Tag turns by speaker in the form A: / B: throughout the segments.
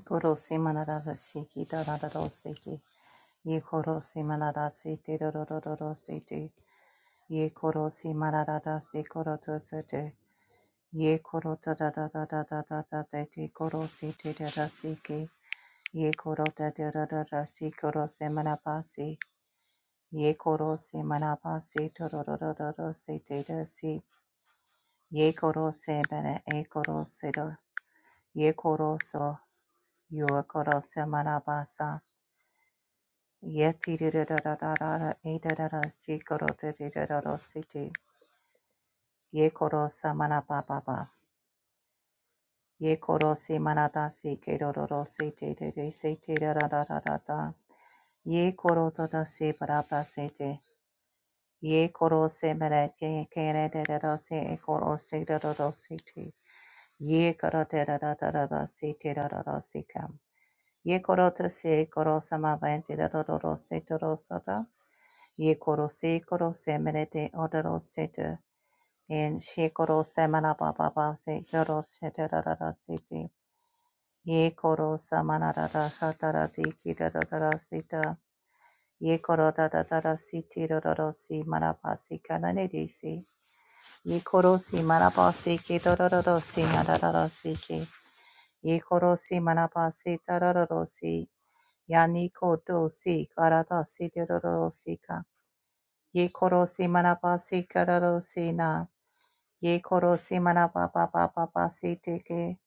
A: Goro Simanada Siki Dadado Siki Ye Koro Simanada Siti Dododo Siti Ye Koro Simanada Sikoro Tutsute Ye Koro da da da Dada Dati Koro da Dada Siki Ye Koro Dada Dada Sikoro Simanapasi Ye Koro Simanapasi Dododo Siti Dasi Ye Koro Simana E Koro Sido Ye Koro So Yo Koro Simanabasa Yeti da da da da da da samana da da da sikedoro city de city da da da ye ye koro sa mana pa pa pa ye koro si mana da si ke do do do si te te te si te da da. da da da da ye Yekoro da si parapa city. Yekoro semerete kere dedado si ekoro sidoro city. Yekorote da da si te ye koro te da da da city da si te da da da si kam ye sikam. Yekorote si koro samaventi da da da da city ye koro se koro se merete ororo sete en she koro se manaba baba se koro sete rarara sete ye koro samana rara hatara ziki rarara sita ye koro dada dada siti rororo si manaba si manabasi kanane desi ye koro si manaba si ki rororo si nararara si ki ye koro si manaba si tararoro si yani kodo si karada si da da da si ka Ye koro si manaba si kararo si na. Ye koro si manaba ba ba ba ba si teke.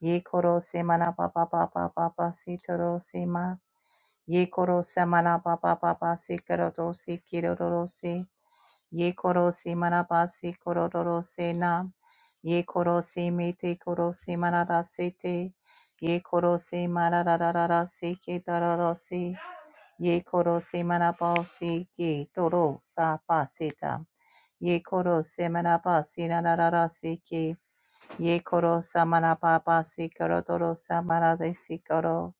A: Ye koro si manaba ba ba ba ba ba si toro si ma. Ye koro si manaba ba ba ba si kararo si kiroro si. Ye koro si manaba si kororo si na. Ye koro si me te koro si si te. Ye koro si manada si si. Ye koro se manaba se ge doro sa pa se ta. Ye koro se manaba se na se ke. Ye koro sa manaba ba se koro doro sa manade se koro.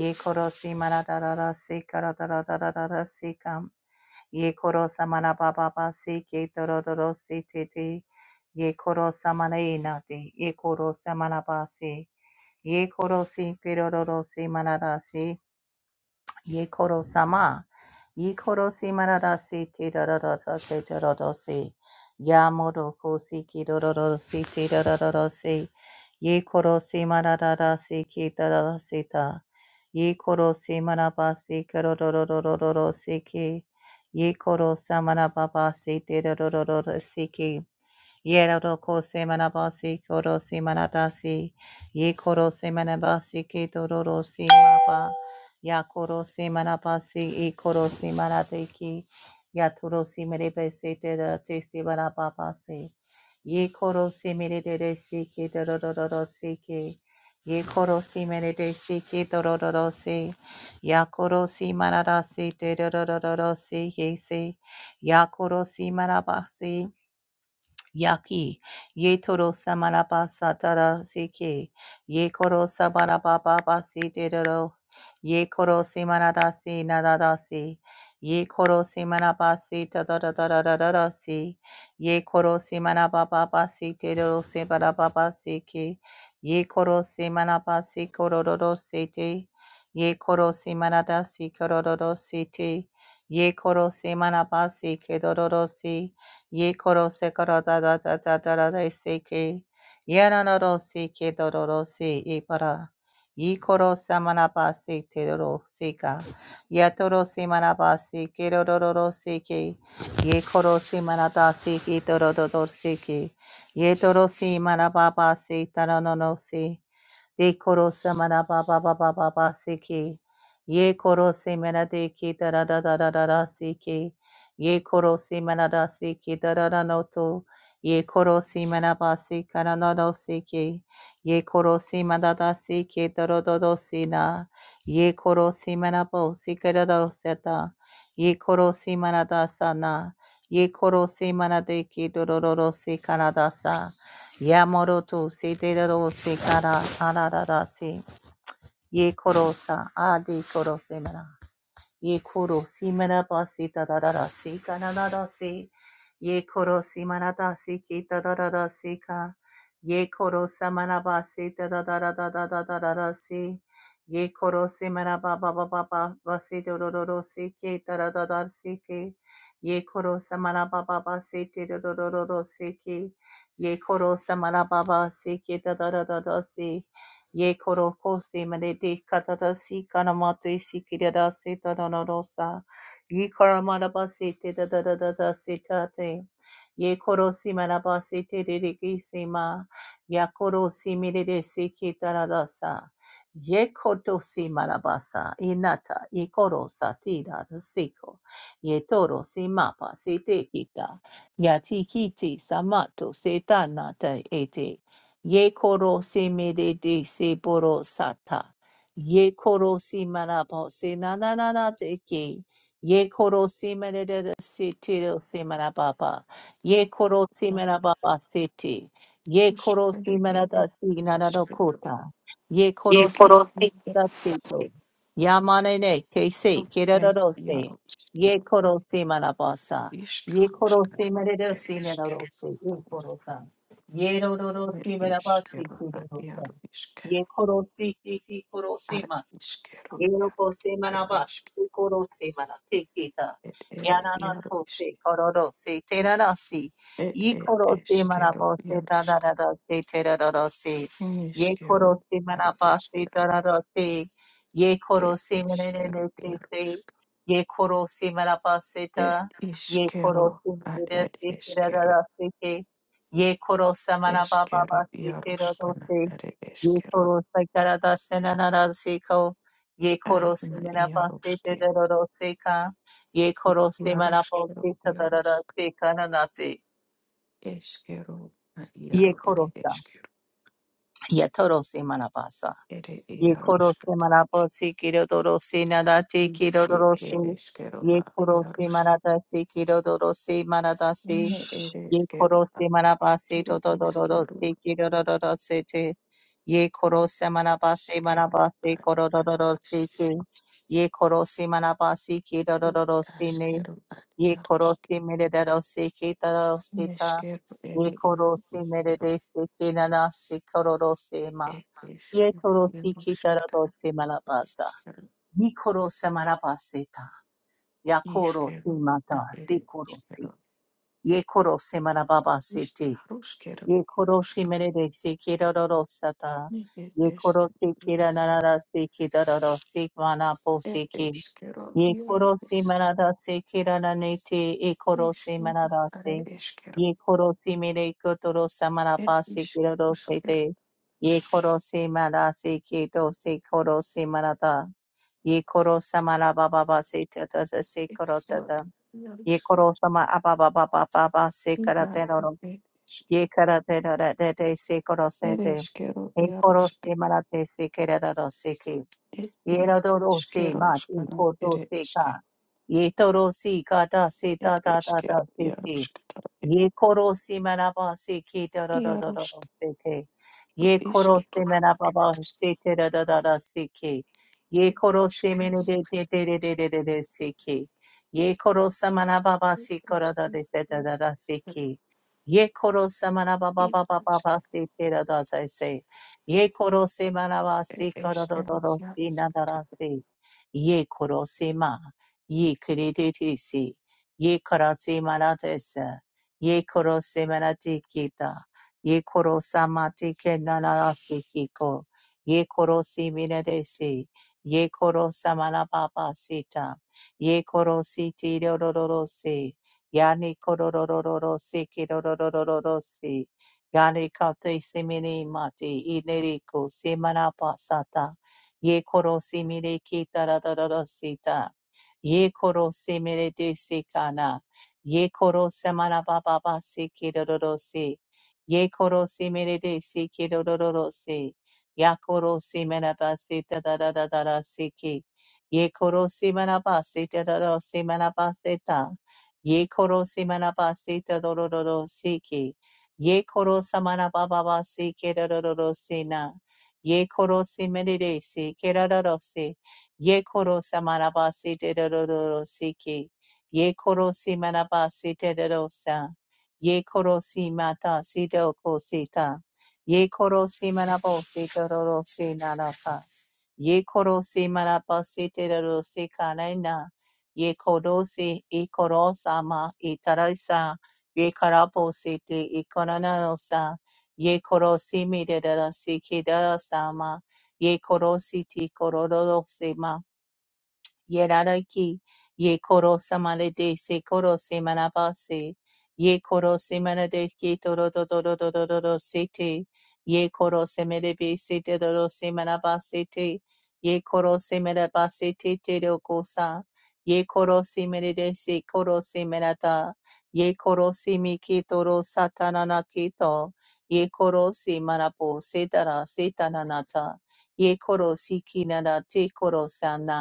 A: Ye koro se manada se koro da da se kam. Ye koro sa manaba ba ba se ke toro doro se te te. Ye koro sa manae na te. Ye koro sa manaba se. Ye koro se kero doro se manada se. Yekoro sama. Yekoro si marara si te rororo te rororo si. Yamoro ko si ki rororo si te rororo si. Yekoro si marara si ki rororo si ta. Yekoro si maraba si ki rororo si ki. Yekoro sa marababa si te rororo si ki. Yero roko se manabasi koro si manadasi. Ye koro se manabasi ke dororo si maba. Ya koro se manabasi e koro si manadeki. Ya toro si merebe se te da te si manababa se. Ye koro si merede si ke dororo si ke. Ye koro si merede si ke dororo si. Ya koro si manadasi te dororo si ye se. Ya koro si manabasi. Yaki, ye toro samaraba satara seke, ye koro sabaraba baba sedero, ye koro simanada si nadada si, ye koro simanaba si tadadadadadada si, ye koro simanaba baba si tedero sibarababa seke, ye koro simanaba si kororo sete, ye koro simanada si kororo sete, ye koro simanaba si kedoro si, ye koro se koro da da da da da da da se ke ye na na ro se ke do ro ro se e para ye koro sa mana pa se te ro ro se ka ye to ro se mana pa se ke ro ro ro ro se ke ye koro se mana da se ke do ro do do se ke ye to ro se mana pa pa se ta no no no se De koro samana ba ba ba ba ba ba siki. Ye koro semana de ki da da da da da da da siki. Ye koro semana da siki da da da no to. Ye koro semana ba sika na no no siki. Ye koro semana da siki da do do do sina. Ye koro semana bo sika da do seta. Ye koro semana da sana. Ye koro semana de ki do do do do sika na da sa. Yamoroto se de ro se kara ararara se ye korosa adi korose mara ye koro si manabasi da da da da si ka da si ye koro si manadasi ki da da da da si ka ye koro sa manabasi da da da da da da da da da si ye koro si manaba ba ba ba ba ba si do do do do si ki da da da da si ki ye koro sa manaba ba ba si ti do do do do do si ki ye koro sa manaba ba si ki da da da da da si Ye koro kose manede katada si kanamate si kirada se tadanodosa. Ye karamadaba se te da da da da da se tate. Ye koro si manaba se te de de ki se ma. Ya koro si mirede se kitaradasa. Ye koto si marabasa inata ye koro sa ti da da seko. Ye toro si mapa se te kita. Ya ti kiti samato se tanata ete. Ye koro se me de de se boro sata. Ye koro si marabo se na na na na te ke. Ye koro si me de de de se te ro se marababa. Ye koro si marababa se te. Ye koro si marada si na na no kota. Ye
B: Ye
A: koro si
B: koro te
A: marada te to. Yamane ne ke se ke ra ro se. Ye koro si marabasa. Ye koro si me de de si na
B: te.
A: ro se. Ye koro sa. Ye ro ro ro si me ra ba si ku ro ro sa. Ye ko si ki ki ko ro si ma Yoroko se manaba koro se mana te kita yanana to se kororo se terara si yi koro se manaba se tarara se terara se ye koro se manaba se tarara se ye koro se manene ne ne te se ye koro se manaba se ta ye koro se manene se terara se ke ye koro se manaba baba se terara se ye koro se tarara se nanara se ko Ye
B: Ah,
A: koro se
B: na
A: mera pa se
B: iaroske,
A: te da ro ro se ka. Ye koro se mera pa
B: iaroskero,
A: se ta da ra ra
B: iarosk,
A: se ka na na se.
B: eskero, na
A: Ye
B: iaro ere
A: koro sa.
B: eskero,
A: Ye toro se mera pa sa.
B: ere
A: ye koro se
B: iaroskat,
A: marapa se kiro doro se nada te
B: is
A: kiro
B: ir
A: doro se
B: ere eskero
A: ye
B: a
A: koro se
B: iarosk,
A: marata se kiro doro se marata se
B: ne ere
A: ye
B: eskero
A: koro
B: a
A: se marapa se to
B: tu
A: to doro doro
B: iskero,
A: se kiro doro doro se te ye koro se marapa se
B: iskero
A: marapa se
B: ad
A: koro doro doro se te
B: iaroskero,
A: ye koro se marapa se kiro doro
B: i
A: doro se ne
B: askero ad
A: ye koro
B: iarosk,
A: se mere doro se kita doro se ta
B: neskero
A: ye
B: ere
A: koro
B: iaro
A: se mere
B: iskero,
A: de se kina se koro doro ma
B: e
A: Ye
B: eskero,
A: toro si
B: iarosk,
A: kitara doste malabasa.
B: iskero,
A: Ye koro se malabaseta. Ya koro si
B: iskero, na
A: mata si
B: ere
A: koro si.
B: eskero.
A: Ye koro se malababa sete.
B: Iškaruškero,
A: Ye koro si
B: jaruškani,
A: merede si kirara rosata.
B: ir
A: Ye koro
B: eškero,
A: si kira
B: jarušk,
A: narara si kitara doste mana po
B: ir
A: si ki.
B: eškero,
A: Ye korosi
B: jaruš,
A: manadase kirananete e korosi
B: iškaru, are
A: manadase.
B: eškero,
A: Ye korosi mire kotoro
B: ir
A: samarapase kirorose
B: iškaruškero,
A: te. Ye korosi manadase kirose korosi manada. Ye korosa marababa se tatata se
B: eškero,
A: korotata. Ye
B: jarušk,
A: korosa ma ababa baba se
B: jaru,
A: karatero.
B: ir
A: Ye
B: eškero,
A: karatero de se
B: ir
A: korosete.
B: eškero,
A: E
B: jarušk,
A: korosi manate se kirarose
B: ir
A: ye ra do ro se
B: iškero,
A: ma ti
B: škana,
A: ko do
B: ir
A: se ka
B: eškero,
A: ye to ro si ka da se
B: ir
A: da da da da
B: eškero,
A: se te
B: jarušk, tara,
A: Ye koro si manaba se ke da da da da da da
B: jarušk,
A: se ke. Ye koro si
B: iškero,
A: manaba
B: ir eškero,
A: se te da da da da se ke. Ye koro si mene de de de de de de de de se ke. Ye koro sa manaba ba
B: ir
A: se koro da de de da da da se ke. Ye koro sa manaba ba ba ba
B: eškero,
A: ba
B: jarušk,
A: ba se te da da se se. Ye koro si manaba
B: It
A: se koro
B: is
A: da da
B: kettle,
A: da
B: yeah.
A: se na da da se. Ye koro si ma. Ye kere de de se. Ye koro si manaba se ye koro semarati kita, ye koro samati kenanarasi kiko, ye koro siminadesi, ye koro samanapapa sita, ye koro siti rororosi, yani kororororo siki rorororosi, yani kate simini mati ineriko semanapasata, ye koro simini kita rororosita, ye koro simini desikana, ye koro semana baba ba se kirororo se ye koro se mere de se kirororo se ya koro se mena ba se ta da da da da da se ki ye koro se mena ba se ta da da se mena ba se ta ye koro se mena ba se ta do do do do se ki ye koro samana baba ba se kirororo se na ye koro se mere de se kirororo se ye koro samana ba se ta do do do do se ki Ye korosi manaba siterosa. Ye korosi mata sitokosita. Ye korosi manabo sitorosi nanaka. Ye korosi manaba siterosi kanaina. Ye korosi ikorosama itarasa. Ye karabo siti ikonanosa. Ye korosi miderasi kidarasama. Ye korosi ti korodosima. Yeraraki, ye koro samale de se koro se manabase, ye koro se manade ke toro do do do do do do do se te, ye koro se melebe se te do do se manabase te, ye koro se manabase te te do kosa, ye koro se melede se koro se manata, ye koro se mi ke toro satanana ke to, ye koro se manapo se tara se tananata, ye koro si kinana te koro sana,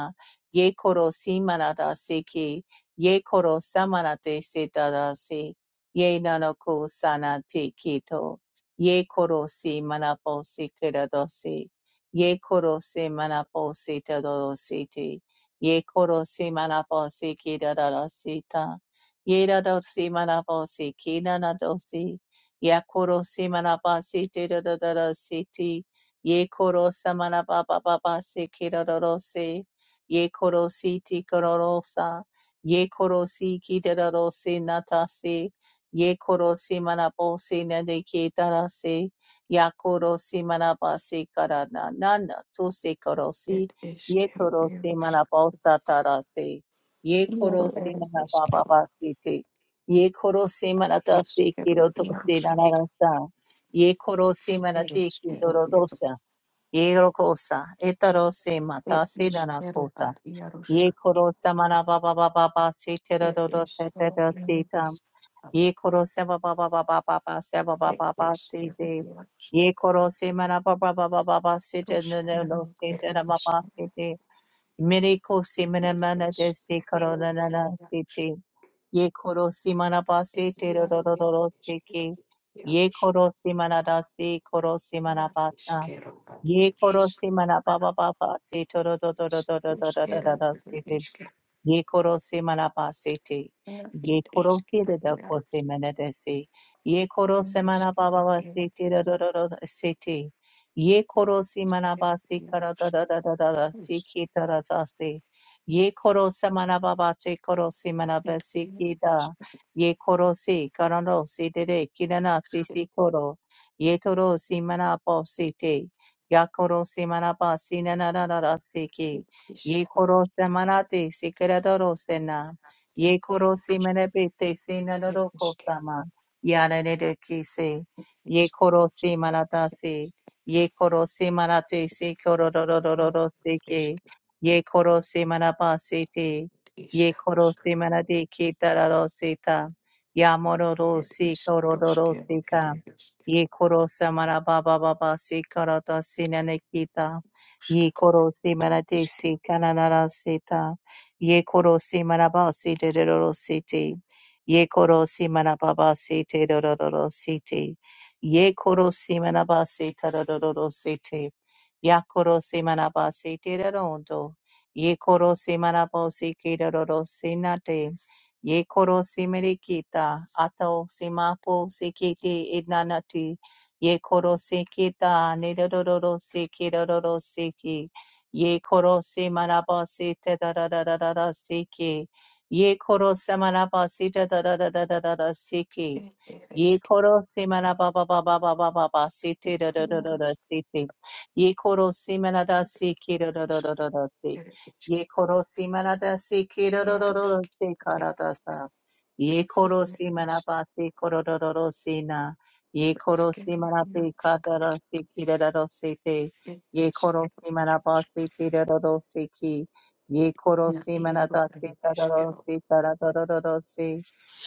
A: ye koro simanada seki, ye koro samanate setadase, ye nanoko sanate kito, ye koro simanapo sekiradose, ye koro simanapo setadosete, ye koro simanapo sekiradaseta, ye rado simanapo sekinanadose, ya koro simanapa setadadasete, ye koro samanapa papa sekiradose, ye korosi ti kororosa, ye korosi kitarosi natasi, ye korosi manaposi nadekitarasi, ya korosi manapasi karana, nana tusi korosi,
B: It is
A: ye
B: kettle,
A: korosi
B: yes.
A: manaposa tarasi, ye
B: Yellow,
A: korosi
B: it is kettle,
A: manapapapasi ti, ye korosi
B: is
A: manatasi
B: kettle,
A: kirotosi
B: yes.
A: nanarasa, ye korosi
B: It is
A: manatiki
B: kettle, yes.
A: dororosa, ye rokosa, etarose
B: It
A: matasi
B: is kettle,
A: nanakota.
B: but yes.
A: Ye koro samana baba baba ba si tera
B: It
A: do do se
B: is
A: te
B: kettle,
A: do si tam.
B: yes.
A: Ye koro seba baba baba baba seba
B: It
A: baba baba
B: is
A: si
B: kettle,
A: te.
B: yes.
A: Ye koro semana baba baba baba si te
B: Those
A: no no no
B: kettle,
A: si
B: it is.
A: baba si te. Mene ko semana
B: It
A: mana de
B: is
A: si koro
B: kettle,
A: na na
B: it
A: na
B: is.
A: si te. Ye koro semana ba
B: It
A: si
B: is
A: te do do
B: kettle,
A: do
B: it
A: do do
B: is
A: si
B: kettle,
A: ki. Ye
B: yes.
A: koro semana da si koro semana
B: It
A: ba
B: is
A: sa.
B: kettle, but
A: Ye
B: it
A: koro
B: is.
A: semana
B: It
A: baba baba si to do do do do
B: is
A: do do do
B: those
A: do do do
B: kettle,
A: si
B: it is.
A: ye koro se manaba sete,
B: It
A: ye koro se de da kose menedese, ye koro se manaba baba sete da da da da da sete, ye koro se manaba se kara da da da da da da se ki da da da se, ye koro se manaba ba te koro se manaba ki da, ye koro se kara no se de de ki na te se koro, ye toro se manaba ya koro se manaba na na na na da se ki, Ye koro se manate se keradoro se na. Ye koro se menebete se nadoro kosama. Yara ne de kise. Ye koro se manata se. Ye koro se manate se korodoro se ke. Ye koro se manapa se te. Ye koro se manate ke tararo se ta. Ya mororo se korodoro se ka. Ye koro se manaba baba se korata se nanekita. Ye koro se marate se kananara seta. Ye koro se maraba se te dororo sete. Ye koro se marababa se te dororo sete. Ye koro se maraba se te dororo sete. Ya koro se manaba se te rondo. Ye koro se manabo se ke roro se nate. Ye koro se merikita. Ato se mapo se kete idnanati. Ye koro se kita ne roro se ke roro se ki. Ye koro se manaba se te da da da da se ki. Ye koro se manaba se te da da da da se ki. Ye koro simana ba ba ba ba ba ba ba ba si ti da da da da da si ti. Ye koro simana da si ki da da da da da da si. Ye koro simana da si ki da da da da da si kara da sa. Ye koro simana ba si koro da da da si na. Ye koro simana si ka da da si ki da da da si ti. Ye koro simana
B: is.
A: ba si ki da da da si ki. Ye koro
B: na
A: simana
B: iero
A: da si
B: ir
A: da da da
B: iškėliau
A: si da da da da da da si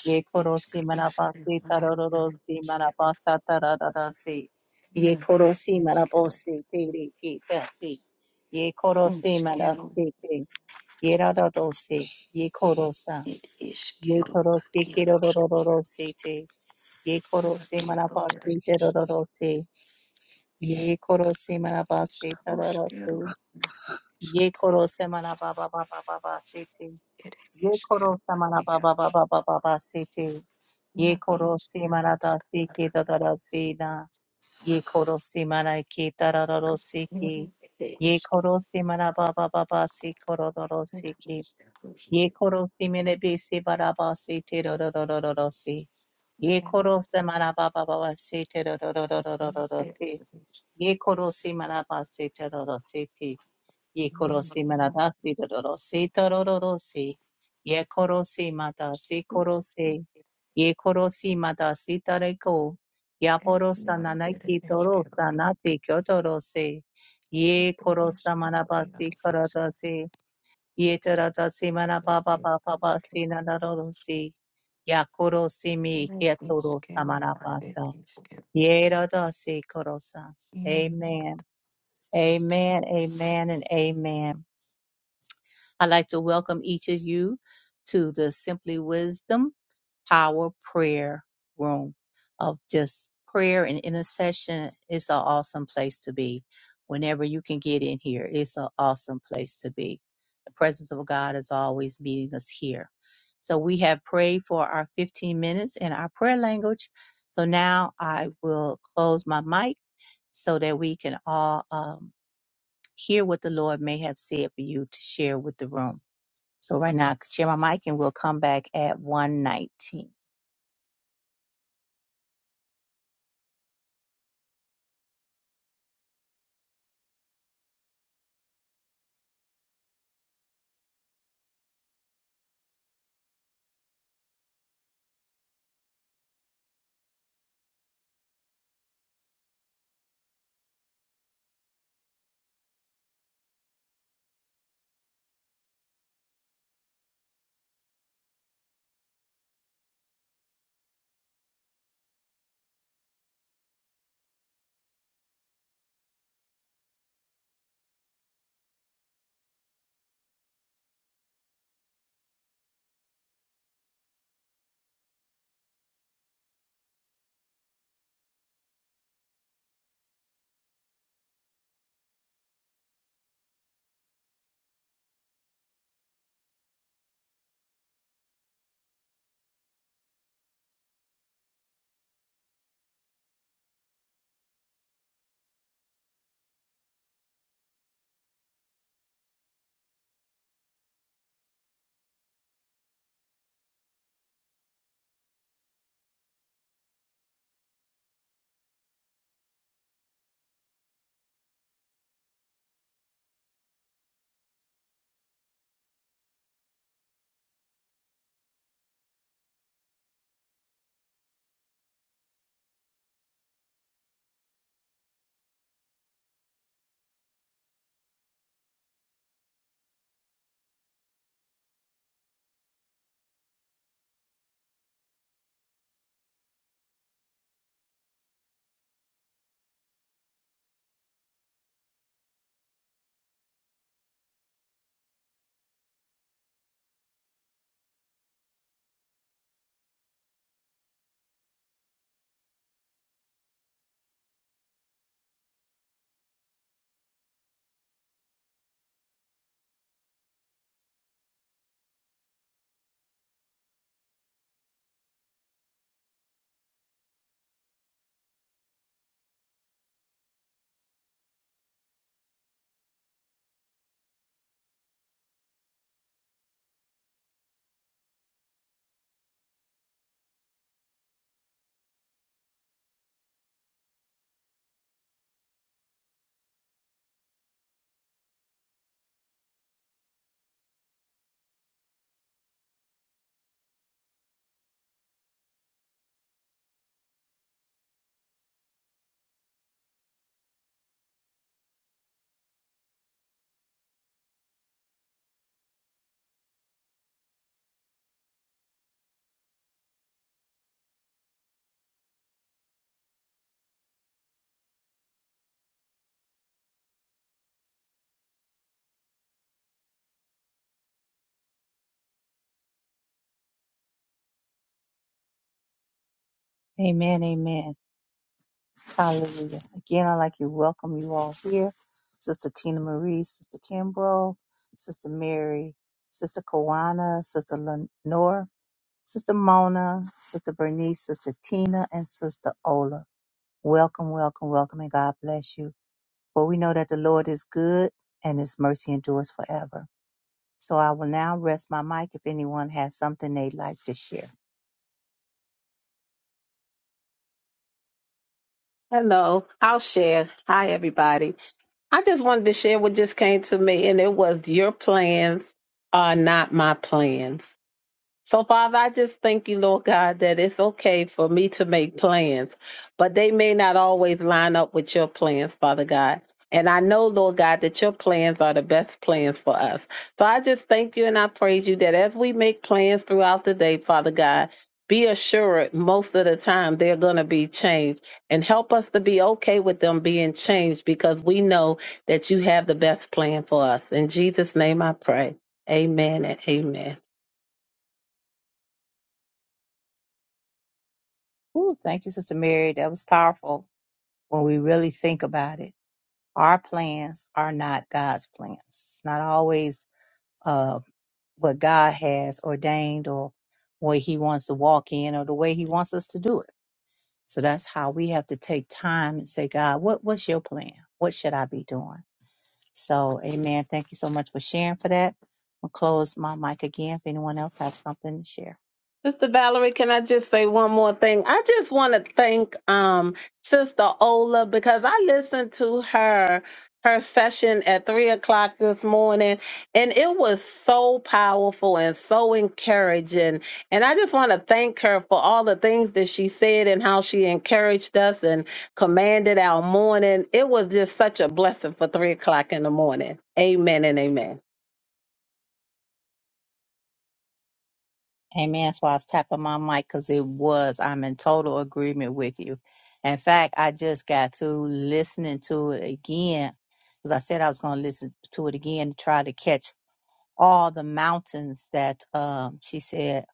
A: ye korosi manabasi
B: iškėliau ir
A: tarororosi
B: iškėliau
A: manabasa tarararasi ye
B: ne ir
A: korosi
B: iškėliau
A: manabosi tiri kitati ye korosi
B: iškėliau
A: manabasi te ye rararosi ye korosa
B: ir
A: ye
B: iškėliau
A: korosi
B: iero
A: kirorororosi te ye
B: na
A: korosi
B: iero ir
A: manabasi terororosi ye korosi manabasi
B: iškėliau
A: tararasi
B: iškėliau na
A: ye
B: iškėliau
A: korosi manababa baba baba sete
B: ir
A: ye korosa
B: iškėliau iero
A: manababa baba baba sete ye
B: na
A: koro si
B: iškėliau
A: marata si
B: skatara
A: ki
B: iškėliau ir iškėliau
A: tadara si na ye koro si mara ki tarararo si ki ye koro si mara ba ba ba ba si koro doro
B: na
A: si ki
B: iškėliau
A: ye koro si mene be si bara ba si te ro ro ro ro ro ro si ye koro si mara ba ba ba ba si te ro ro ro ro ro ro ro ro si ye koro si mara ba si te ro ro si ti ye korosi
B: iškėliau
A: manada si dororosi torororosi ye korosi mata si
B: Oops.
A: korosi ye korosi mata si tareko ya
B: And
A: porosa
B: narrow at
A: nanaki
B: edge kettle.
A: torosa nati kyotorosi
B: At
A: ye
B: an edge
A: korosa
B: kettle.
A: manabasi
B: Yellow
A: karadasi ye taradasi
B: scared
A: manababa
B: an edge
A: baba si
B: kettle.
A: nanarorosi ya korosi mi
B: Night
A: etoro
B: kettle. At
A: samanabasa
B: kettle.
A: ye radasi korosa
B: It is kettle.
A: amen amen amen and amen I'd like to welcome each of you to the Simply Wisdom Power Prayer Room of just prayer and intercession. It's an awesome place to be. Whenever you can get in here, it's an awesome place to be. The presence of God is always meeting us here. So we have prayed for our 15 minutes in our prayer language. So now I will close my mic so that we can all um, hear what the Lord may have said for you to share with the room. So right now, share my mic and we'll come back at 119. Amen, amen. Hallelujah. Again, I'd like to welcome you all here. Sister Tina Marie, Sister Kimbrough, Sister Mary, Sister Kawana, Sister Lenore, Sister Mona, Sister Bernice, Sister Tina, and Sister Ola. Welcome, welcome, welcome, and God bless you. For we know that the Lord is good and his mercy endures forever. So I will now rest my mic if anyone has something they'd like to share.
C: Hello, I'll share. Hi, everybody. I just wanted to share what just came to me, and it was your plans are not my plans. So, Father, I just thank you, Lord God, that it's okay for me to make plans, but they may not always line up with your plans, Father God. And I know, Lord God, that your plans are the best plans for us. So I just thank you and I praise you that as we make plans throughout the day, Father God, be assured most of the time they're going to be changed and help us to be okay with them being changed because we know that you have the best plan for us. In Jesus' name I pray. Amen and amen.
A: Ooh, thank you, Sister Mary. That was powerful when we really think about it. Our plans are not God's plans. It's not always uh, what God has ordained or what He wants to walk in or the way He wants us to do it. So that's how we have to take time and say, God, what, what's your plan? What should I be doing? So, amen. Thank you so much for sharing for that. I'll close my mic again if anyone else has something to share.
C: Sister Valerie, can I just say one more thing? I just want to thank um Sister Ola because I listened to her her session at three o'clock this morning and it was so powerful and so encouraging. And I just want to thank her for all the things that she said and how she encouraged us and commanded our morning. It was just such a blessing for three o'clock in the morning. Amen and amen.
A: Amen. That's why I was tapping my mic because it was. I'm in total agreement with you. In fact, I just got through listening to it again because I said I was going to listen to it again to try to catch all the mountains that um, she said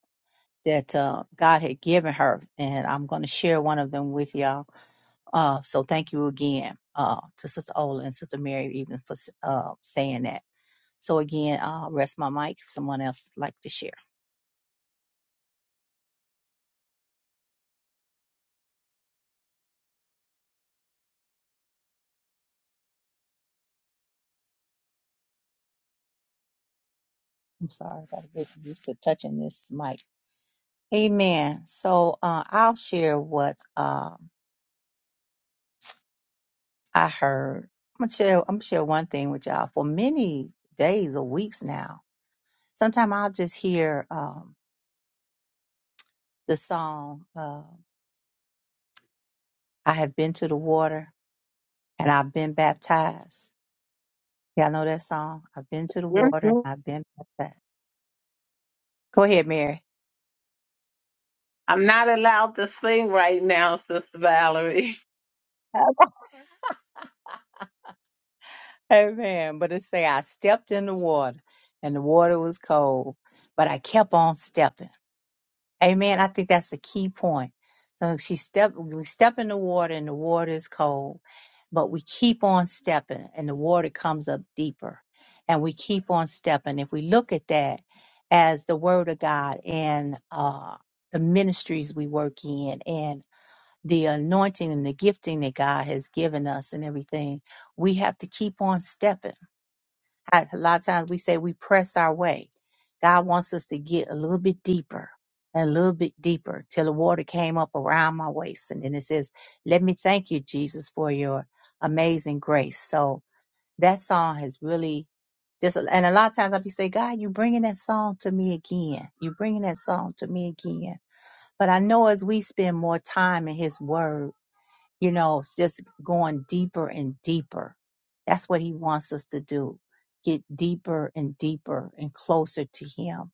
A: that uh, God had given her. And I'm going to share one of them with y'all. Uh, so thank you again uh, to Sister Ola and Sister Mary even for s- uh, saying that. So again, I'll rest my mic if someone else would like to share. I'm sorry, I gotta get used to touching this mic. Amen. So uh, I'll share what um I heard. I'm gonna share. I'm gonna share one thing with y'all. For many days or weeks now, sometimes I'll just hear um, the song uh, "I have been to the water and I've been baptized." Y'all know that song? I've been to the water and
C: Mhm.
A: I've been baptized. Go ahead, Mary.
C: I'm not allowed to sing right now, Sister Valerie.
A: Amen. But it say I stepped in the water and the water was cold, but I kept on stepping. Amen. I think that's a key point. So she step we step in the water and the water is cold, but we keep on stepping and the water comes up deeper. And we keep on stepping. If we look at that as the word of God and uh the ministries we work in and the anointing and the gifting that God has given us and everything, we have to keep on stepping I, a lot of times we say we press our way. God wants us to get a little bit deeper and a little bit deeper till the water came up around my waist. And then it says, Let me thank you, Jesus, for your amazing grace. So that song has really just, and a lot of times I'll be saying, God, you bringing that song to me again. you bringing that song to me again. But I know as we spend more time in His Word, you know, it's just going deeper and deeper. That's what he wants us to do. Get deeper and deeper and closer to him.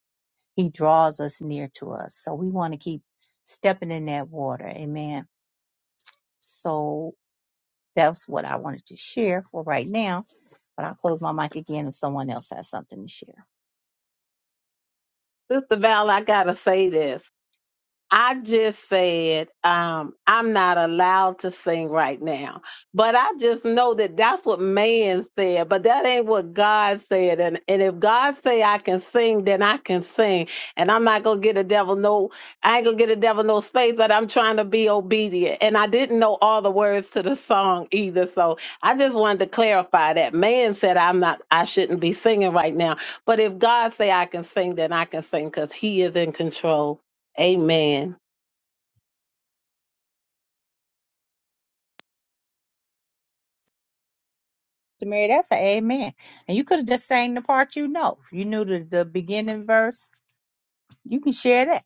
A: He draws us near to us. So we want to keep stepping in that water. Amen. So that's what I wanted to share for right now. But I'll close my mic again if someone else has something to share.
C: Sister Val, I gotta say this. I just said um, I'm not allowed to sing right now, but I just know that that's what man said, but that ain't what God said. And and if God say I can sing, then I can sing, and I'm not gonna get a devil no, I ain't gonna get a devil no space. But I'm trying to be obedient, and I didn't know all the words to the song either, so I just wanted to clarify that man said I'm not, I shouldn't be singing right now, but if God say I can sing, then I can sing because He is in control. Amen.
A: So, Mary, that's a amen. And you could have just sang the part you know. If you knew the, the beginning verse, you can share that.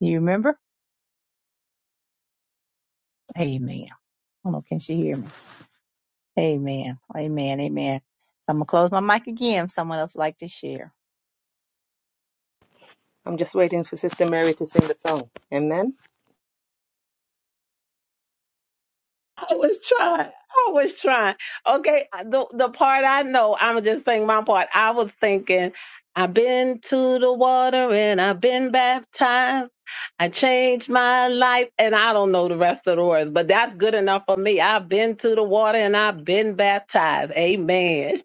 A: You remember? Amen. I don't know. Can she hear me? Amen. Amen. Amen. So I'm gonna close my mic again. If someone else would like to share.
D: I'm just waiting for Sister Mary to sing the song. Amen.
C: I was trying. I was trying. Okay, the the part I know, I'm just saying my part. I was thinking, I've been to the water and I've been baptized. I changed my life, and I don't know the rest of the words, but that's good enough for me. I've been to the water and I've been baptized. Amen.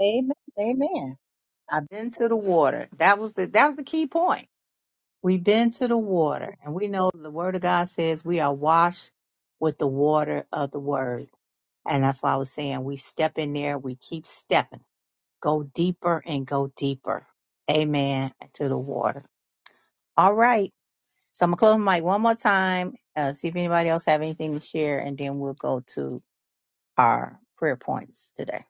A: Amen. Amen. I've been to the water. That was the that was the key point. We've been to the water, and we know the word of God says we are washed with the water of the word. And that's why I was saying we step in there, we keep stepping. Go deeper and go deeper. Amen. To the water. All right. So I'm gonna close my mic one more time. Uh, see if anybody else have anything to share, and then we'll go to our prayer points today.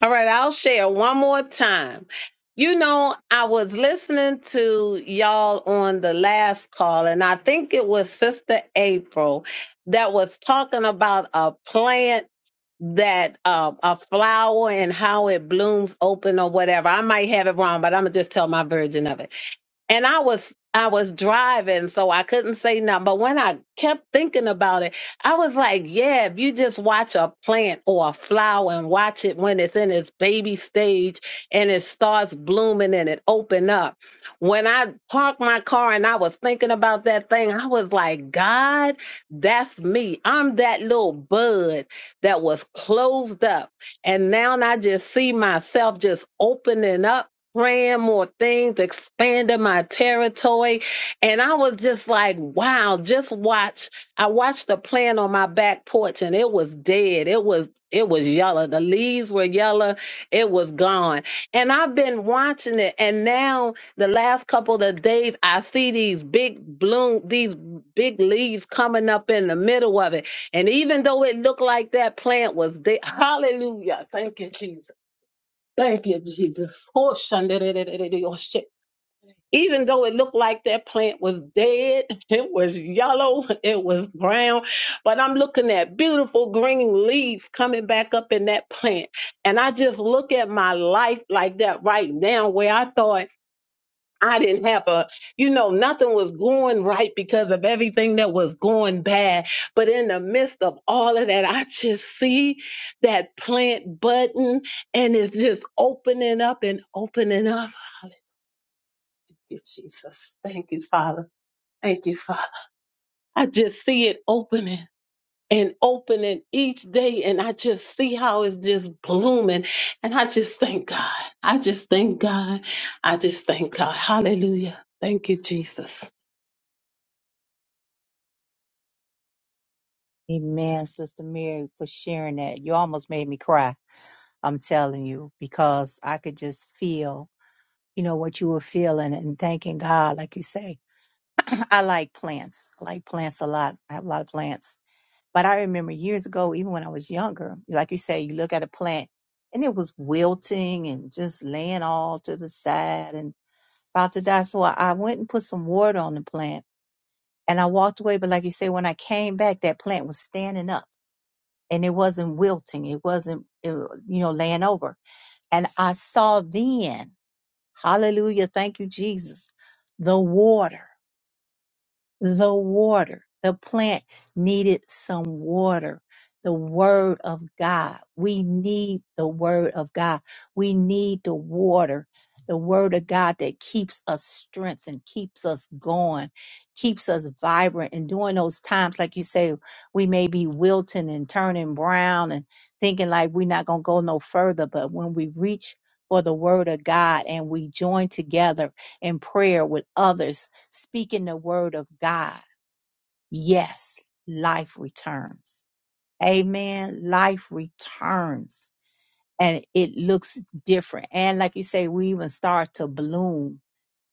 C: All right, I'll share one more time. You know, I was listening to y'all on the last call, and I think it was Sister April that was talking about a plant that uh, a flower and how it blooms open or whatever. I might have it wrong, but I'm gonna just tell my version of it and I was I was driving, so I couldn't say nothing. But when I kept thinking about it, I was like, yeah, if you just watch a plant or a flower and watch it when it's in its baby stage and it starts blooming and it open up. When I parked my car and I was thinking about that thing, I was like, God, that's me. I'm that little bud that was closed up. And now I just see myself just opening up praying more things, expanding my territory. And I was just like, wow, just watch. I watched the plant on my back porch and it was dead. It was it was yellow. The leaves were yellow. It was gone. And I've been watching it. And now the last couple of days I see these big bloom, these big leaves coming up in the middle of it. And even though it looked like that plant was dead, hallelujah. Thank you, Jesus. Thank you, Jesus. Oh, shandarerererere, oh, shit. Even though it looked like that plant was dead, it was yellow, it was brown, but I'm looking at beautiful green leaves coming back up in that plant. And I just look at my life like that right now, where I thought I didn't have a, you know, nothing was going right because of everything that was going bad. But in the midst of all of that, I just see that plant button and it's just opening up and opening up. Hallelujah, Jesus. Thank you, Father. Thank you, Father. I just see it opening. And opening each day, and I just see how it's just blooming. And I just thank God. I just thank God. I just thank God. Hallelujah. Thank you, Jesus.
A: Amen, Sister Mary, for sharing that. You almost made me cry, I'm telling you, because I could just feel, you know, what you were feeling and thanking God, like you say. I like plants. I like plants a lot. I have a lot of plants. But I remember years ago, even when I was younger, like you say, you look at a plant and it was wilting and just laying all to the side and about to die. So I I went and put some water on the plant and I walked away. But like you say, when I came back, that plant was standing up and it wasn't wilting. It wasn't, it, you know, laying over. And I saw then, hallelujah, thank you, Jesus, the water the water. The plant needed some water. The word of God. We need the word of God. We need the water, the word of God that keeps us strengthened, keeps us going, keeps us vibrant. And during those times, like you say, we may be wilting and turning brown and thinking like we're not going to go no further. But when we reach for the word of God and we join together in prayer with others speaking the word of God, yes, life returns. Amen. Life returns and it looks different. And like you say, we even start to bloom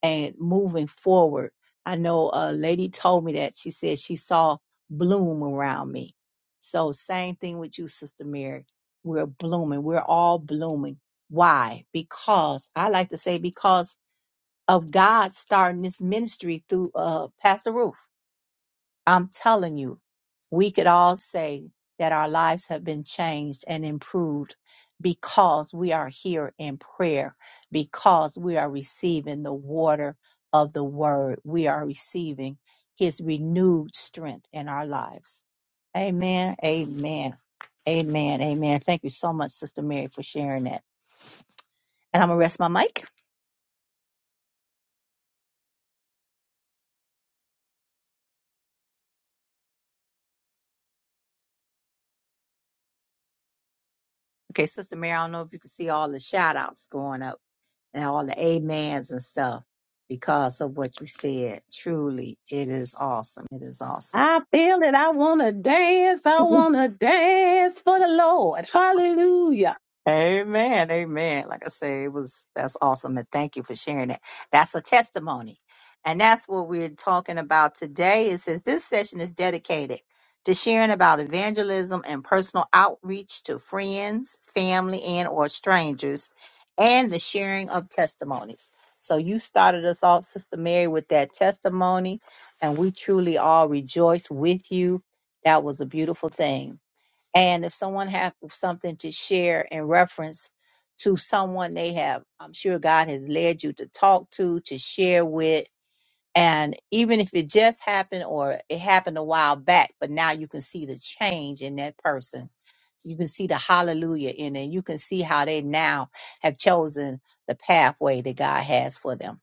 A: and moving forward. I know a lady told me that she said she saw bloom around me. So same thing with you, Sister Mary. We're blooming. We're all blooming. Why? Because I like to say because of God starting this ministry through uh Pastor Ruth I'm telling you, we could all say that our lives have been changed and improved because we are here in prayer, because we are receiving the water of the word. We are receiving his renewed strength in our lives. Amen. Amen. Amen. Amen. Thank you so much, Sister Mary, for sharing that. And I'm going to rest my mic. Okay, Sister Mary, I don't know if you can see all the shout outs going up. and all the amens and stuff because of what you said. Truly, it is awesome. It is awesome.
C: I feel it. I want to dance. I want to dance for the Lord. Hallelujah.
A: Amen. Amen. Like I say, it was that's awesome. And thank you for sharing it. That's a testimony. And that's what we're talking about today. It says this session is dedicated to sharing about evangelism and personal outreach to friends, family, and or strangers, and the sharing of testimonies. So you started us off, Sister Mary, with that testimony, and we truly all rejoice with you. That was a beautiful thing. And if someone have something to share in reference to someone they have, I'm sure God has led you to talk to, to share with. And even if it just happened or it happened a while back, but now you can see the change in that person. You can see the hallelujah in it. You can see how they now have chosen the pathway that God has for them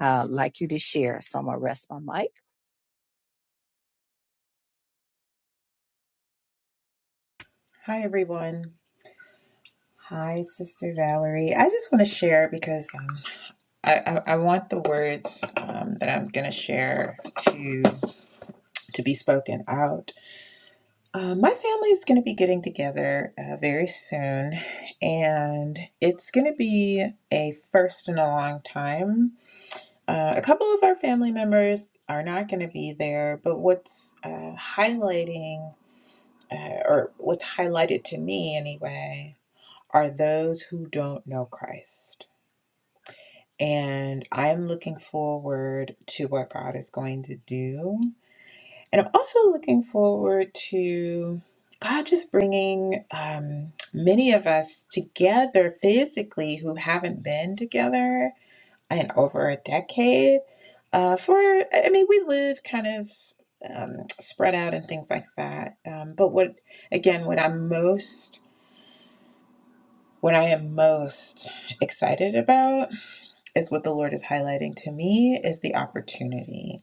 A: uh, like you to share. So I'm going to rest my mic.
E: Hi, everyone. Hi, Sister Valerie. I just want to share because um, I, I, I want the words um, that I'm going to share to to be spoken out. Uh, my family is going to be getting together uh, very soon, and it's going to be a first in a long time. Uh, a couple of our family members are not going to be there, but what's uh, highlighting, uh, or what's highlighted to me anyway, are those who don't know Christ. And I'm looking forward to what God is going to do. And I'm also looking forward to God just bringing um, many of us together physically who haven't been together in over a decade. Uh, for, I mean, we live kind of um, spread out and things like that. Um, but what, again, what I'm most, what I am most excited about is what the Lord is highlighting to me is the opportunity.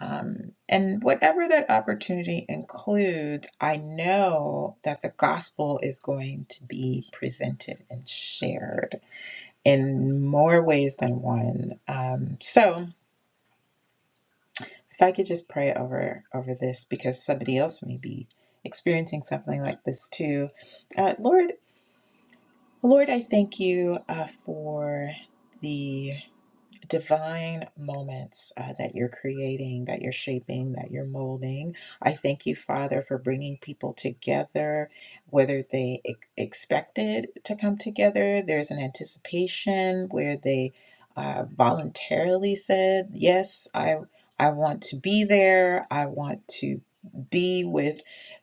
E: Um, and whatever that opportunity includes, I know that the gospel is going to be presented and shared in more ways than one. Um, so if I could just pray over over this because somebody else may be experiencing something like this too. Uh, Lord, Lord, I thank you uh, for the divine moments uh, that you're creating, that you're shaping, that you're molding. I thank you, Father, for bringing people together, whether they ex- expected to come together, there's an anticipation where they uh, voluntarily said, Yes, I, I want to be there, I want to. Be with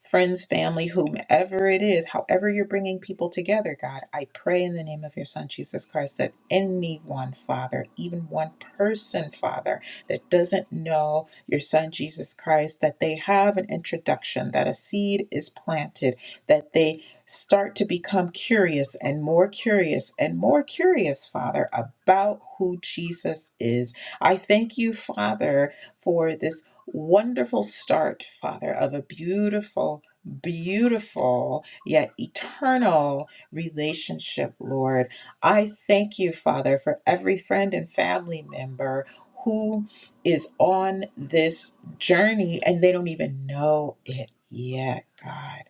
E: friends, family, whomever it is, however you're bringing people together, God, I pray in the name of your Son, Jesus Christ, that anyone, Father, even one person, Father, that doesn't know your Son, Jesus Christ, that they have an introduction, that a seed is planted, that they start to become curious and more curious and more curious, Father, about who Jesus is. I thank you, Father. For this Wonderful start, Father, of a beautiful, beautiful, yet eternal relationship, Lord. I thank you, Father, for every friend and family member who is on this journey and they don't even know it yet, God.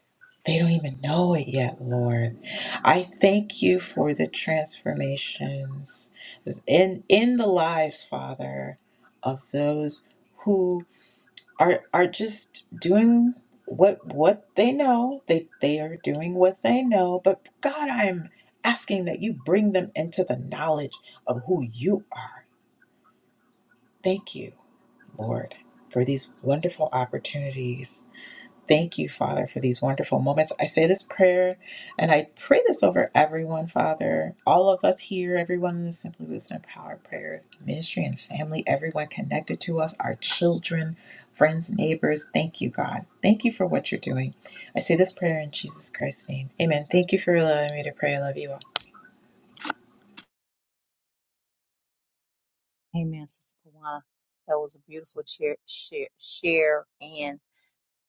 E: They don't even know it yet, Lord. I thank you for the transformations in in the lives, Father, of those who are are just doing what what they know they they are doing what they know but god i'm asking that you bring them into the knowledge of who you are thank you lord for these wonderful opportunities Thank you, Father, for these wonderful moments. I say this prayer and I pray this over everyone, Father, all of us here, everyone in the Simply Wisdom Power Prayer Ministry and family, everyone connected to us, our children, friends, neighbors. Thank you, God. Thank you for what you're doing. I say this prayer in Jesus Christ's name. Amen. Thank you for allowing me to pray. I love you all.
A: Amen, Sister Kawana. That was a beautiful share, share, share, and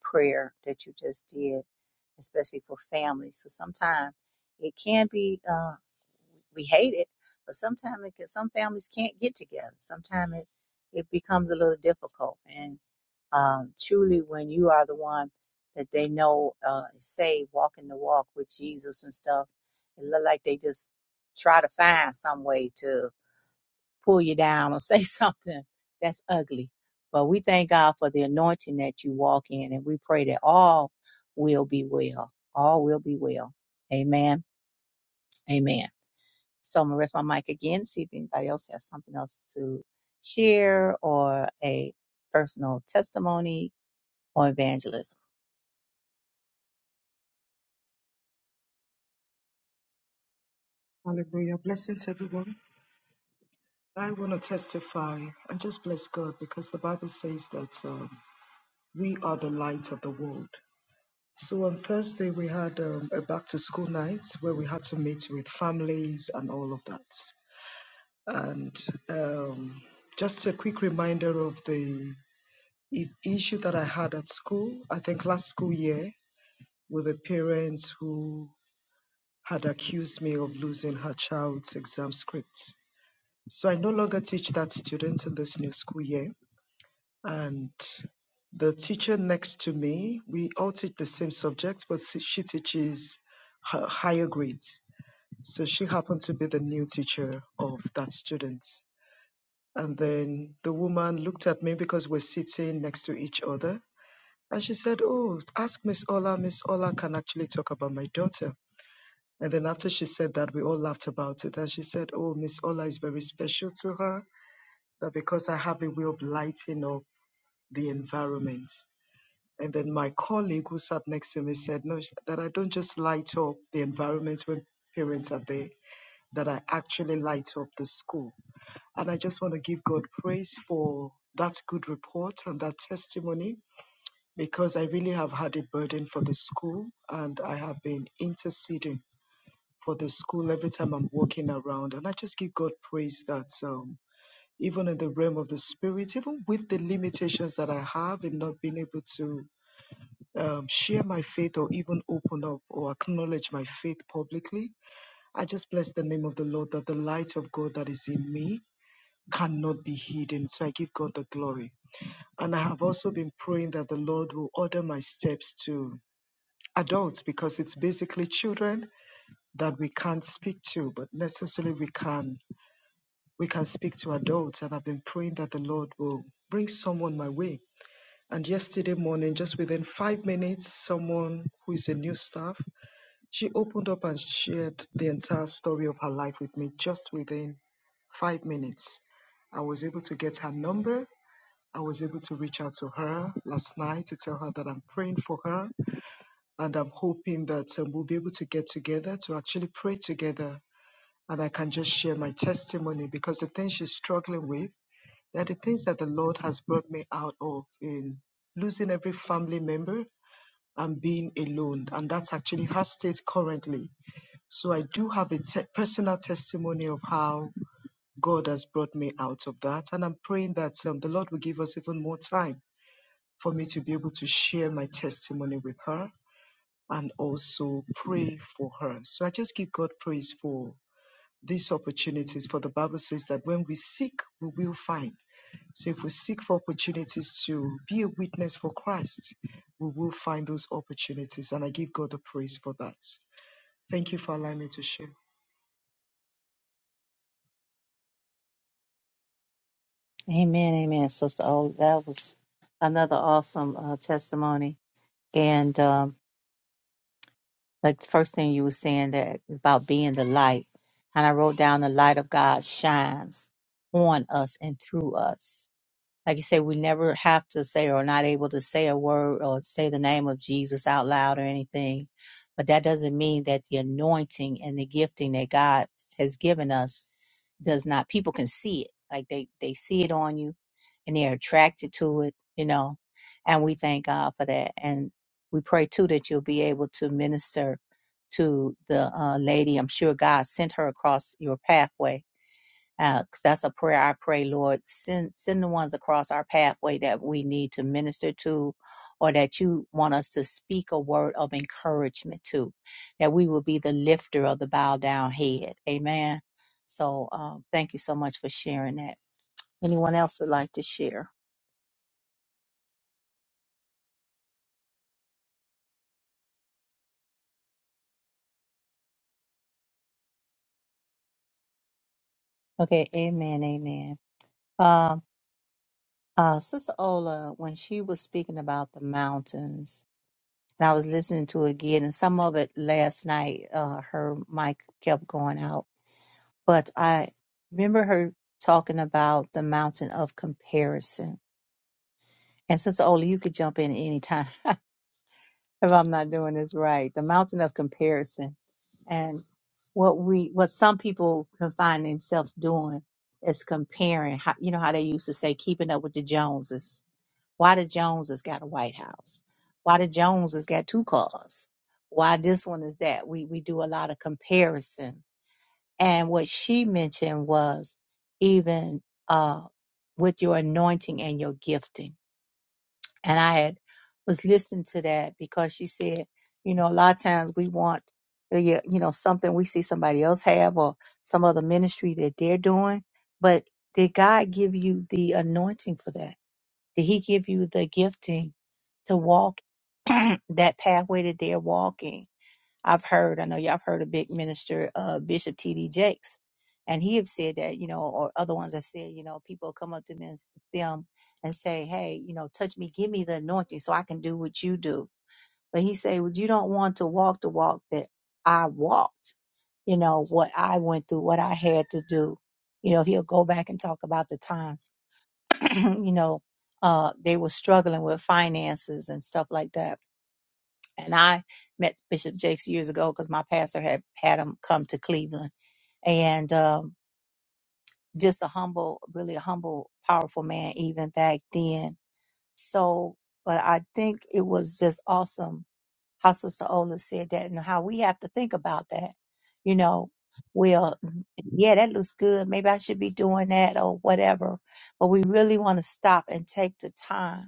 A: prayer that you just did, especially for families. So sometimes it can be, uh, we hate it, but sometimes it can, some families can't get together. Sometimes it, it becomes a little difficult. And um, truly, when you are the one that they know uh, is saved, walking the walk with Jesus and stuff, it look like they just try to find some way to pull you down or say something that's ugly. But we thank God for the anointing that you walk in, and we pray that all will be well. All will be well. Amen. Amen. So I'm gonna rest my mic again, see if anybody else has something else to share or a personal testimony or evangelism.
F: Hallelujah. Blessings, everyone. I want to testify and just bless God because the Bible says that um, we are the light of the world. So on Thursday, we had um, a back to school night where we had to meet with families and all of that. And um, just a quick reminder of the i- issue that I had at school, I think last school year, with the parents who had accused me of losing her child's exam script. So I no longer teach that student in this new school year. And the teacher next to me, we all teach the same subject, but she she teaches hi- higher grades. So she happened to be the new teacher of that student. And then the woman looked at me because we're sitting next to each other. And she said, Oh, ask Miss Ola. Miss Ola can actually talk about my daughter. And then after she said that, we all laughed about it. And she said, Oh, Miss Ola is very special to her that because I have a way of lighting up the environment. And then my colleague who sat next to me said, No, that I don't just light up the environment when parents are there, that I actually light up the school. And I just want to give God praise for that good report and that testimony because I really have had a burden for the school and I have been interceding for the school every time I'm walking around. And I just give God praise that. um, even in the realm of the spirit, even with the limitations that I have in not being able to um, share my faith or even open up or acknowledge my faith publicly, I just bless the name of the Lord that the light of God that is in me cannot be hidden. So I give God the glory. And I have also been praying that the Lord will order my steps to adults because it's basically children that we can't speak to, but necessarily we can we can speak to adults. And I've been praying that the Lord will bring someone my way And yesterday morning, just within five minutes, someone who is a new staff, she opened up and shared the entire story of her life with me just within five minutes. I was able to get her number. I was able to reach out to her last night to tell her that I'm praying for her and I'm hoping that um, we'll be able to get together to actually pray together and I can just share my testimony because the thing she's struggling with there are the things that the Lord has brought me out of in losing every family member and being alone. And that's actually her state currently. So I do have a te- personal testimony of how God has brought me out of that. And I'm praying that um, the Lord will give us even more time for me to be able to share my testimony with her and also pray for her. So I just give God praise for these opportunities. For the Bible says that when we seek, we will find. So if we seek for opportunities to be a witness for Christ, we will find those opportunities. And I give God the praise for that. Thank you for allowing me to share.
A: Amen. Amen. Sister Oh, that was another awesome uh, testimony. And um, like the first thing you were saying that about being the light. And I wrote down the light of God shines on us and through us. Like you say, we never have to say or not able to say a word or say the name of Jesus out loud or anything. But that doesn't mean that the anointing and the gifting that God has given us does not, people can see it. Like they, they see it on you and they're attracted to it, you know. And we thank God for that. And we pray too that you'll be able to minister to the uh, lady. I'm sure God sent her across your pathway uh, 'cause that's a prayer I pray, Lord. Send send the ones across our pathway that we need to minister to, or that you want us to speak a word of encouragement to, that we will be the lifter of the bowed down head. Amen. So um, thank you so much for sharing that. Anyone else would like to share? Okay. Amen. Amen. Um, uh, Sister Ola, when she was speaking about the mountains, and I was listening to it again, and some of it last night, uh, her mic kept going out but I remember her talking about the mountain of comparison. And Sister Ola, you could jump in anytime if I'm not doing this right. The mountain of comparison and what we, what some people can find themselves doing is comparing. How, you know how they used to say, keeping up with the Joneses. Why the Joneses got a White House? Why the Joneses got two cars? Why this one is that? We we do a lot of comparison And what she mentioned was even uh, with your anointing and your gifting. And I had was listening to that because she said, you know, a lot of times we want, uh, yeah, you know, something we see somebody else have or some other ministry that they're doing. But did God give you the anointing for that? Did He give you the gifting to walk that pathway that they're walking? I've heard, I know y'all have heard a big minister, uh, Bishop T.D. Jakes, and he have said that, you know, or other ones have said, you know, people come up to me and, s- them and say, hey, you know, touch me, give me the anointing so I can do what you do. But he say, well, you don't want to walk the walk that I walked, you know, what I went through, what I had to do. You know, he'll go back and talk about the times, you know, uh, they were struggling with finances and stuff like that and I met Bishop Jakes years ago because my pastor had had him come to Cleveland, and um, just a humble, really a humble, powerful man even back then. So, but I think it was just awesome how Sister Ola said that and how we have to think about that. You know, well, yeah, that looks good. Maybe I should be doing that or whatever. But we really want to stop and take the time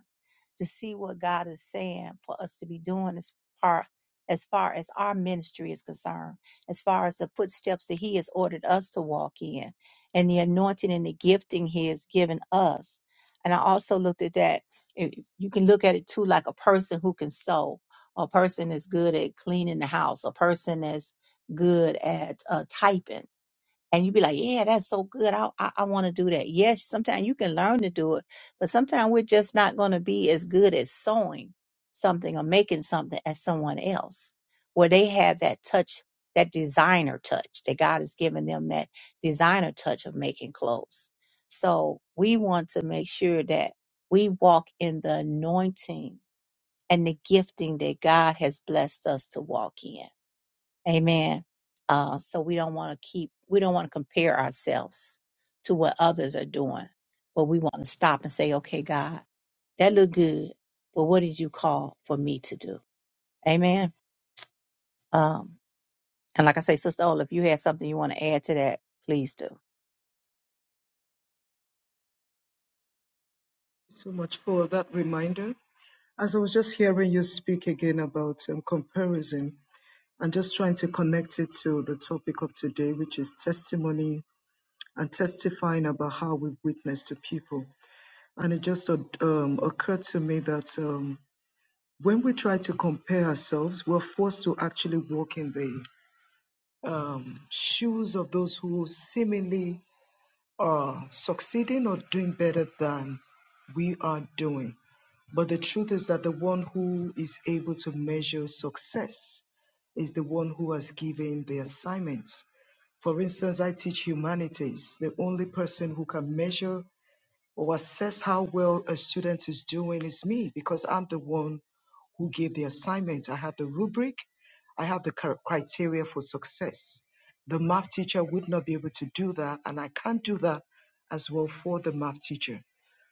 A: to see what God is saying for us to be doing as far as far as our ministry is concerned, as far as the footsteps that He has ordered us to walk in, and the anointing and the gifting He has given us. And I also looked at that. eh, You can look at it too, like a person who can sew, a person is good at cleaning the house, a person is good at uh, typing and you be like, yeah, that's so good. I I, I want to do that. Yes, sometimes you can learn to do it, but sometimes we're just not going to be as good as sewing something or making something as someone else, where they have that touch, that designer touch that God has given them, that designer touch of making clothes. So we want to make sure that we walk in the anointing and the gifting that God has blessed us to walk in Amen. Uh, so we don't want to keep, we don't want to compare ourselves to what others are doing, but we want to stop and say, okay, God, that looked good, but what did you call for me to do? Amen. Um, and like I say, Sister Ola, if you had something you want to add to that, please do.
F: So much for that reminder. As I was just hearing you speak again about um, comparison and just trying to connect it to the topic of today, which is testimony and testifying about how we witness to people. And it just um, occurred to me that um, when we try to compare ourselves, we're forced to actually walk in the um, shoes of those who seemingly are succeeding or doing better than we are doing. But the truth is that the one who is able to measure success is the one who has given the assignment. For instance, I teach humanities. The only person who can measure or assess how well a student is doing is me because I'm the one who gave the assignment. I have the rubric, I have the cr- criteria for success. The math teacher would not be able to do that, and I can't do that as well for the math teacher.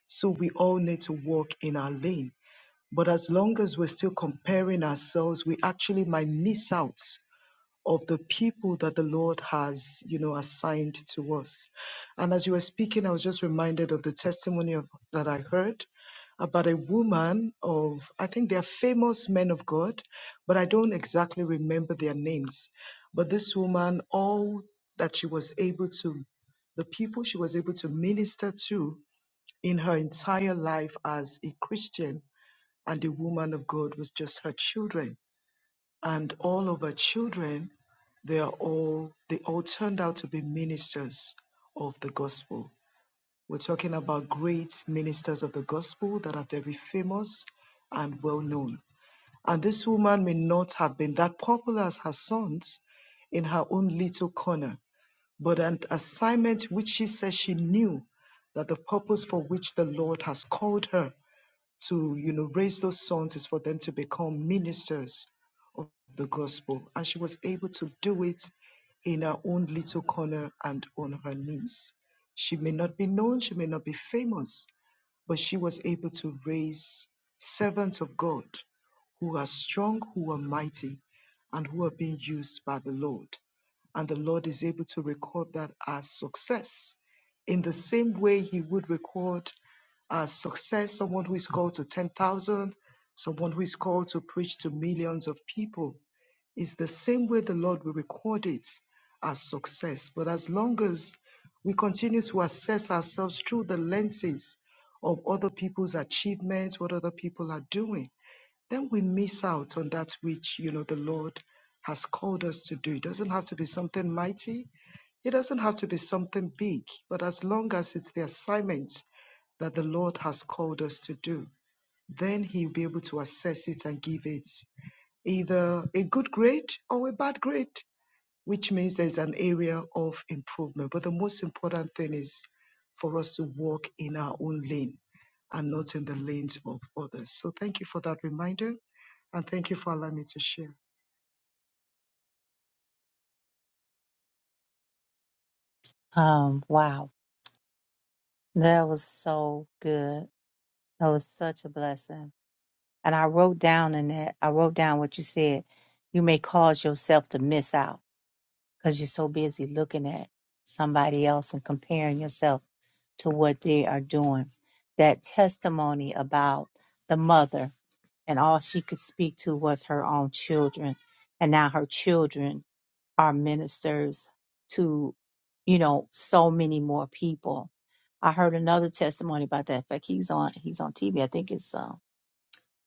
F: So we all need to walk in our lane. But as long as we're still comparing ourselves, we actually might miss out of the people that the Lord has, you know, assigned to us. And as you were speaking, I was just reminded of the testimony of, that I heard about a woman of, I think they are famous men of God, but I don't exactly remember their names. But this woman, all that she was able to, the people she was able to minister to in her entire life as a Christian and a woman of God was just her children and all of her children, they are all they all turned out to be ministers of the gospel. We're talking about great ministers of the gospel that are very famous and well known. And this woman may not have been that popular as her sons in her own little corner, but an assignment which she says she knew that the purpose for which the Lord has called her to you know raise those sons is for them to become ministers of the gospel and she was able to do it in her own little corner and on her knees she may not be known she may not be famous but she was able to raise servants of God who are strong, who are mighty, and who are being used by the Lord. And the Lord is able to record that as success in the same way He would record as success someone who is called to 10,000, someone who is called to preach to millions of people. It's the same way the Lord will record it as success. But as long as we continue to assess ourselves through the lenses of other people's achievements, what other people are doing, then we miss out on that which, you know, the Lord has called us to do. It doesn't have to be something mighty, it doesn't have to be something big, but as long as it's the assignment that the Lord has called us to do, then He'll be able to assess it and give it either a good grade or a bad grade which means there's an area of improvement. But the most important thing is for us to walk in our own lane and not in the lanes of others. So thank you for that reminder and thank you for allowing me to share.
A: Um, wow. That was so good. That was such a blessing. And I wrote down in that, I wrote down what you said. You may cause yourself to miss out. because you're so busy looking at somebody else and comparing yourself to what they are doing. That testimony about the mother and all she could speak to was her own children. And now her children are ministers to, you know, so many more people. I heard another testimony about that. In fact, he's on he's on TV. I think it's uh,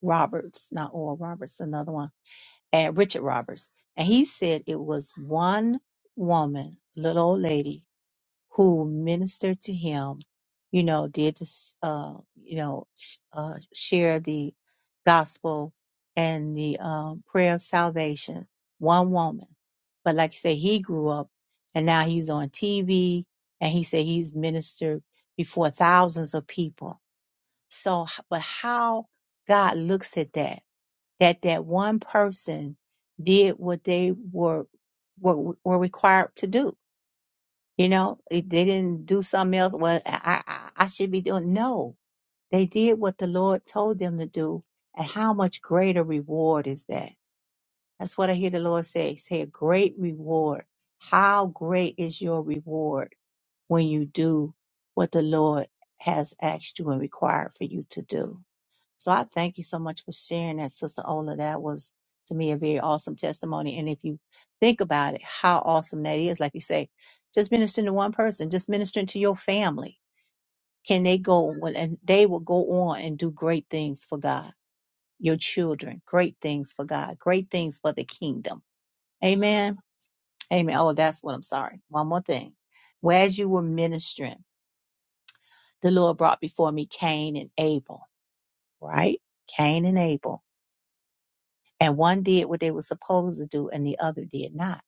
A: Roberts, not Oral Roberts, another one and Richard Roberts, and he said it was one woman, little old lady, who ministered to him. You know, did this, uh, you know, sh- uh, share the gospel and the um, prayer of salvation. One woman, but like you say, he grew up, and now he's on TV, and he said he's ministered before thousands of people. So, h- but how God looks at that? that that one person did what they were were, were required to do. You know, if they didn't do something else. Well, I, I I should be doing. No, they did what the Lord told them to do, and how much greater reward is that? That's what I hear the Lord say. Say a great reward. How great is your reward when you do what the Lord has asked you and required for you to do? So I thank you so much for sharing that, Sister Ola. That was to me a very awesome testimony. And if you think about it, how awesome that is, like you say, just ministering to one person, just ministering to your family. Can they go on- and they will go on and do great things for God, your children, great things for God, great things for the kingdom. Amen. Amen. Oh, that's what I'm sorry. One more thing. Whereas you were ministering, the Lord brought before me Cain and Abel, right? Cain and Abel and one did what they were supposed to do and the other did not.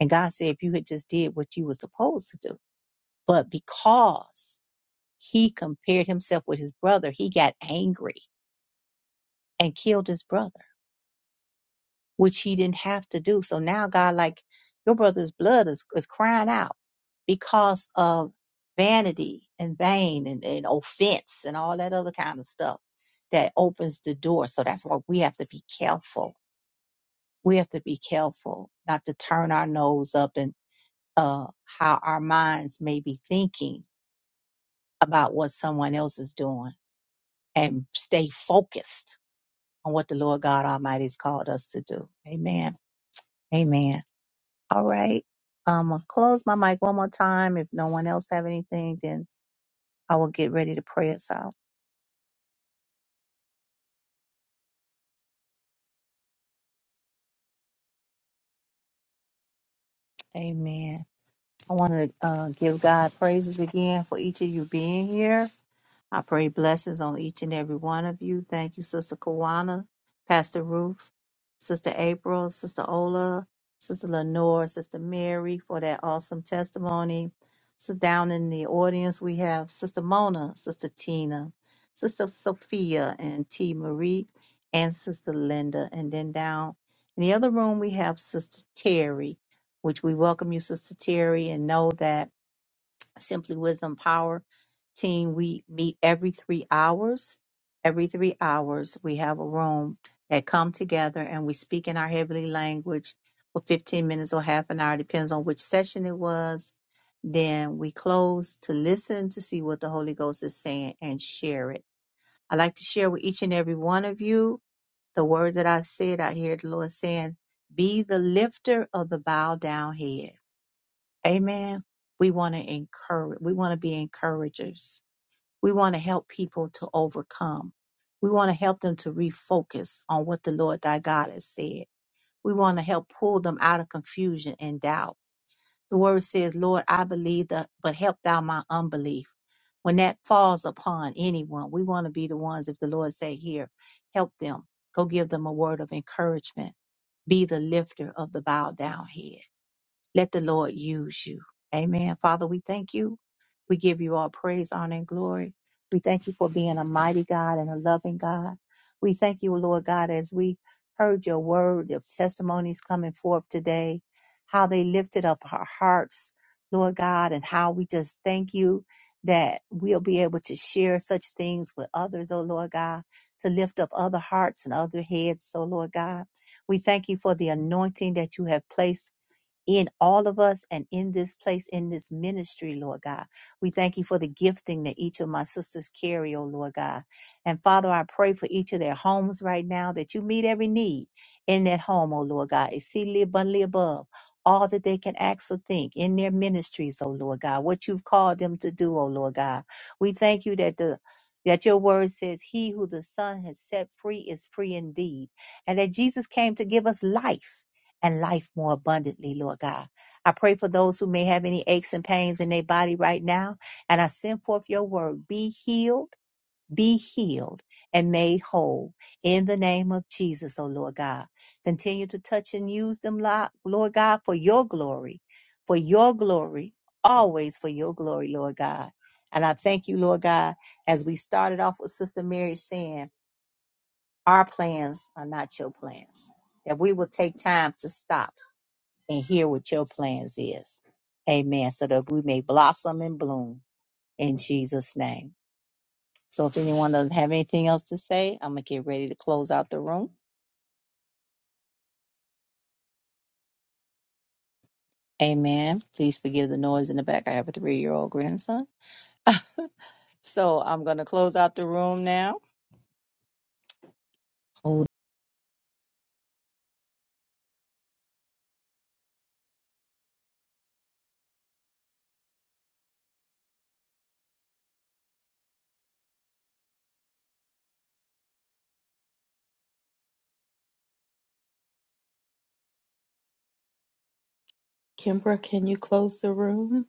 A: And God said, if you had just did what you were supposed to do, but because he compared himself with his brother, he got angry and killed his brother, which he didn't have to do. So now God, like your brother's blood is, is crying out because of vanity and vain and, and offense and all that other kind of stuff that opens the door. So that's why we have to be careful we have to be careful not to turn our nose up and uh, how our minds may be thinking about what someone else is doing and stay focused on what the Lord God Almighty has called us to do. Amen. Amen. All right. Um, I'll close my mic one more time. If no one else have anything, then I will get ready to pray us out. Amen. I want to uh, give God praises again for each of you being here I pray blessings on each and every one of you. Thank you, Sister Kawana, Pastor Ruth, Sister April, Sister Ola, Sister Lenore, Sister Mary for that awesome testimony. So down in the audience we have Sister Mona, Sister Tina, Sister Sophia and T Marie, and Sister Linda. And then down in the other room we have Sister Terry, which we welcome you, Sister Terry, and know that. Simply Wisdom Power Team. We meet every three hours. Every three hours, we have a room that come together and we speak in our heavenly language for 15 minutes or half an hour, depends on which session it was. Then we close to listen to see what the Holy Ghost is saying and share it. I like to share with each and every one of you the word that I said. I hear the Lord saying, Be the lifter of the bowed down head Amen. We want to encourage, we want to be encouragers. We want to help people to overcome. We want to help them to refocus on what the Lord thy God has said. We want to help pull them out of confusion and doubt. The word says, Lord, I believe, the, but help thou my unbelief. When that falls upon anyone, we want to be the ones, if the Lord say here, help them. Go give them a word of encouragement. Be the lifter of the bowed down head. Let the Lord use you. Amen. Father, we thank you. We give you all praise, honor, and glory. We thank you for being a mighty God and a loving God. We thank you, Lord God, as we heard your word of testimonies coming forth today, how they lifted up our hearts, Lord God, and how we just thank you that we'll be able to share such things with others, oh Lord God, to lift up other hearts and other heads, oh Lord God. We thank you for the anointing that you have placed in all of us and in this place, in this ministry, Lord God. We thank you for the gifting that each of my sisters carry, oh Lord God. And Father, I pray for each of their homes right now that you meet every need in that home, oh Lord God. Exceedingly abundantly above all that they can ask or think in their ministries, oh Lord God, what you've called them to do, oh Lord God. We thank you that the that your word says, He who the Son has set free is free indeed. And that Jesus came to give us life and life more abundantly, Lord God. I pray for those who may have any aches and pains in their body right now, and I send forth your word be healed, be healed, and made whole in the name of Jesus, O Lord God. Continue to touch and use them, Lo- Lord God, for your glory, for your glory, always for your glory, Lord God. And I thank you, Lord God, as we started off with Sister Mary saying, Our plans are not your plans, that we will take time to stop and hear what your plans is. Amen. So that we may blossom and bloom in Jesus' name. So if anyone doesn't have anything else to say, I'm gonna get ready to close out the room. Amen. Please forgive the noise in the back. I have a three year old grandson. So I'm gonna close out the room now.
G: Kimbra, can you close the room?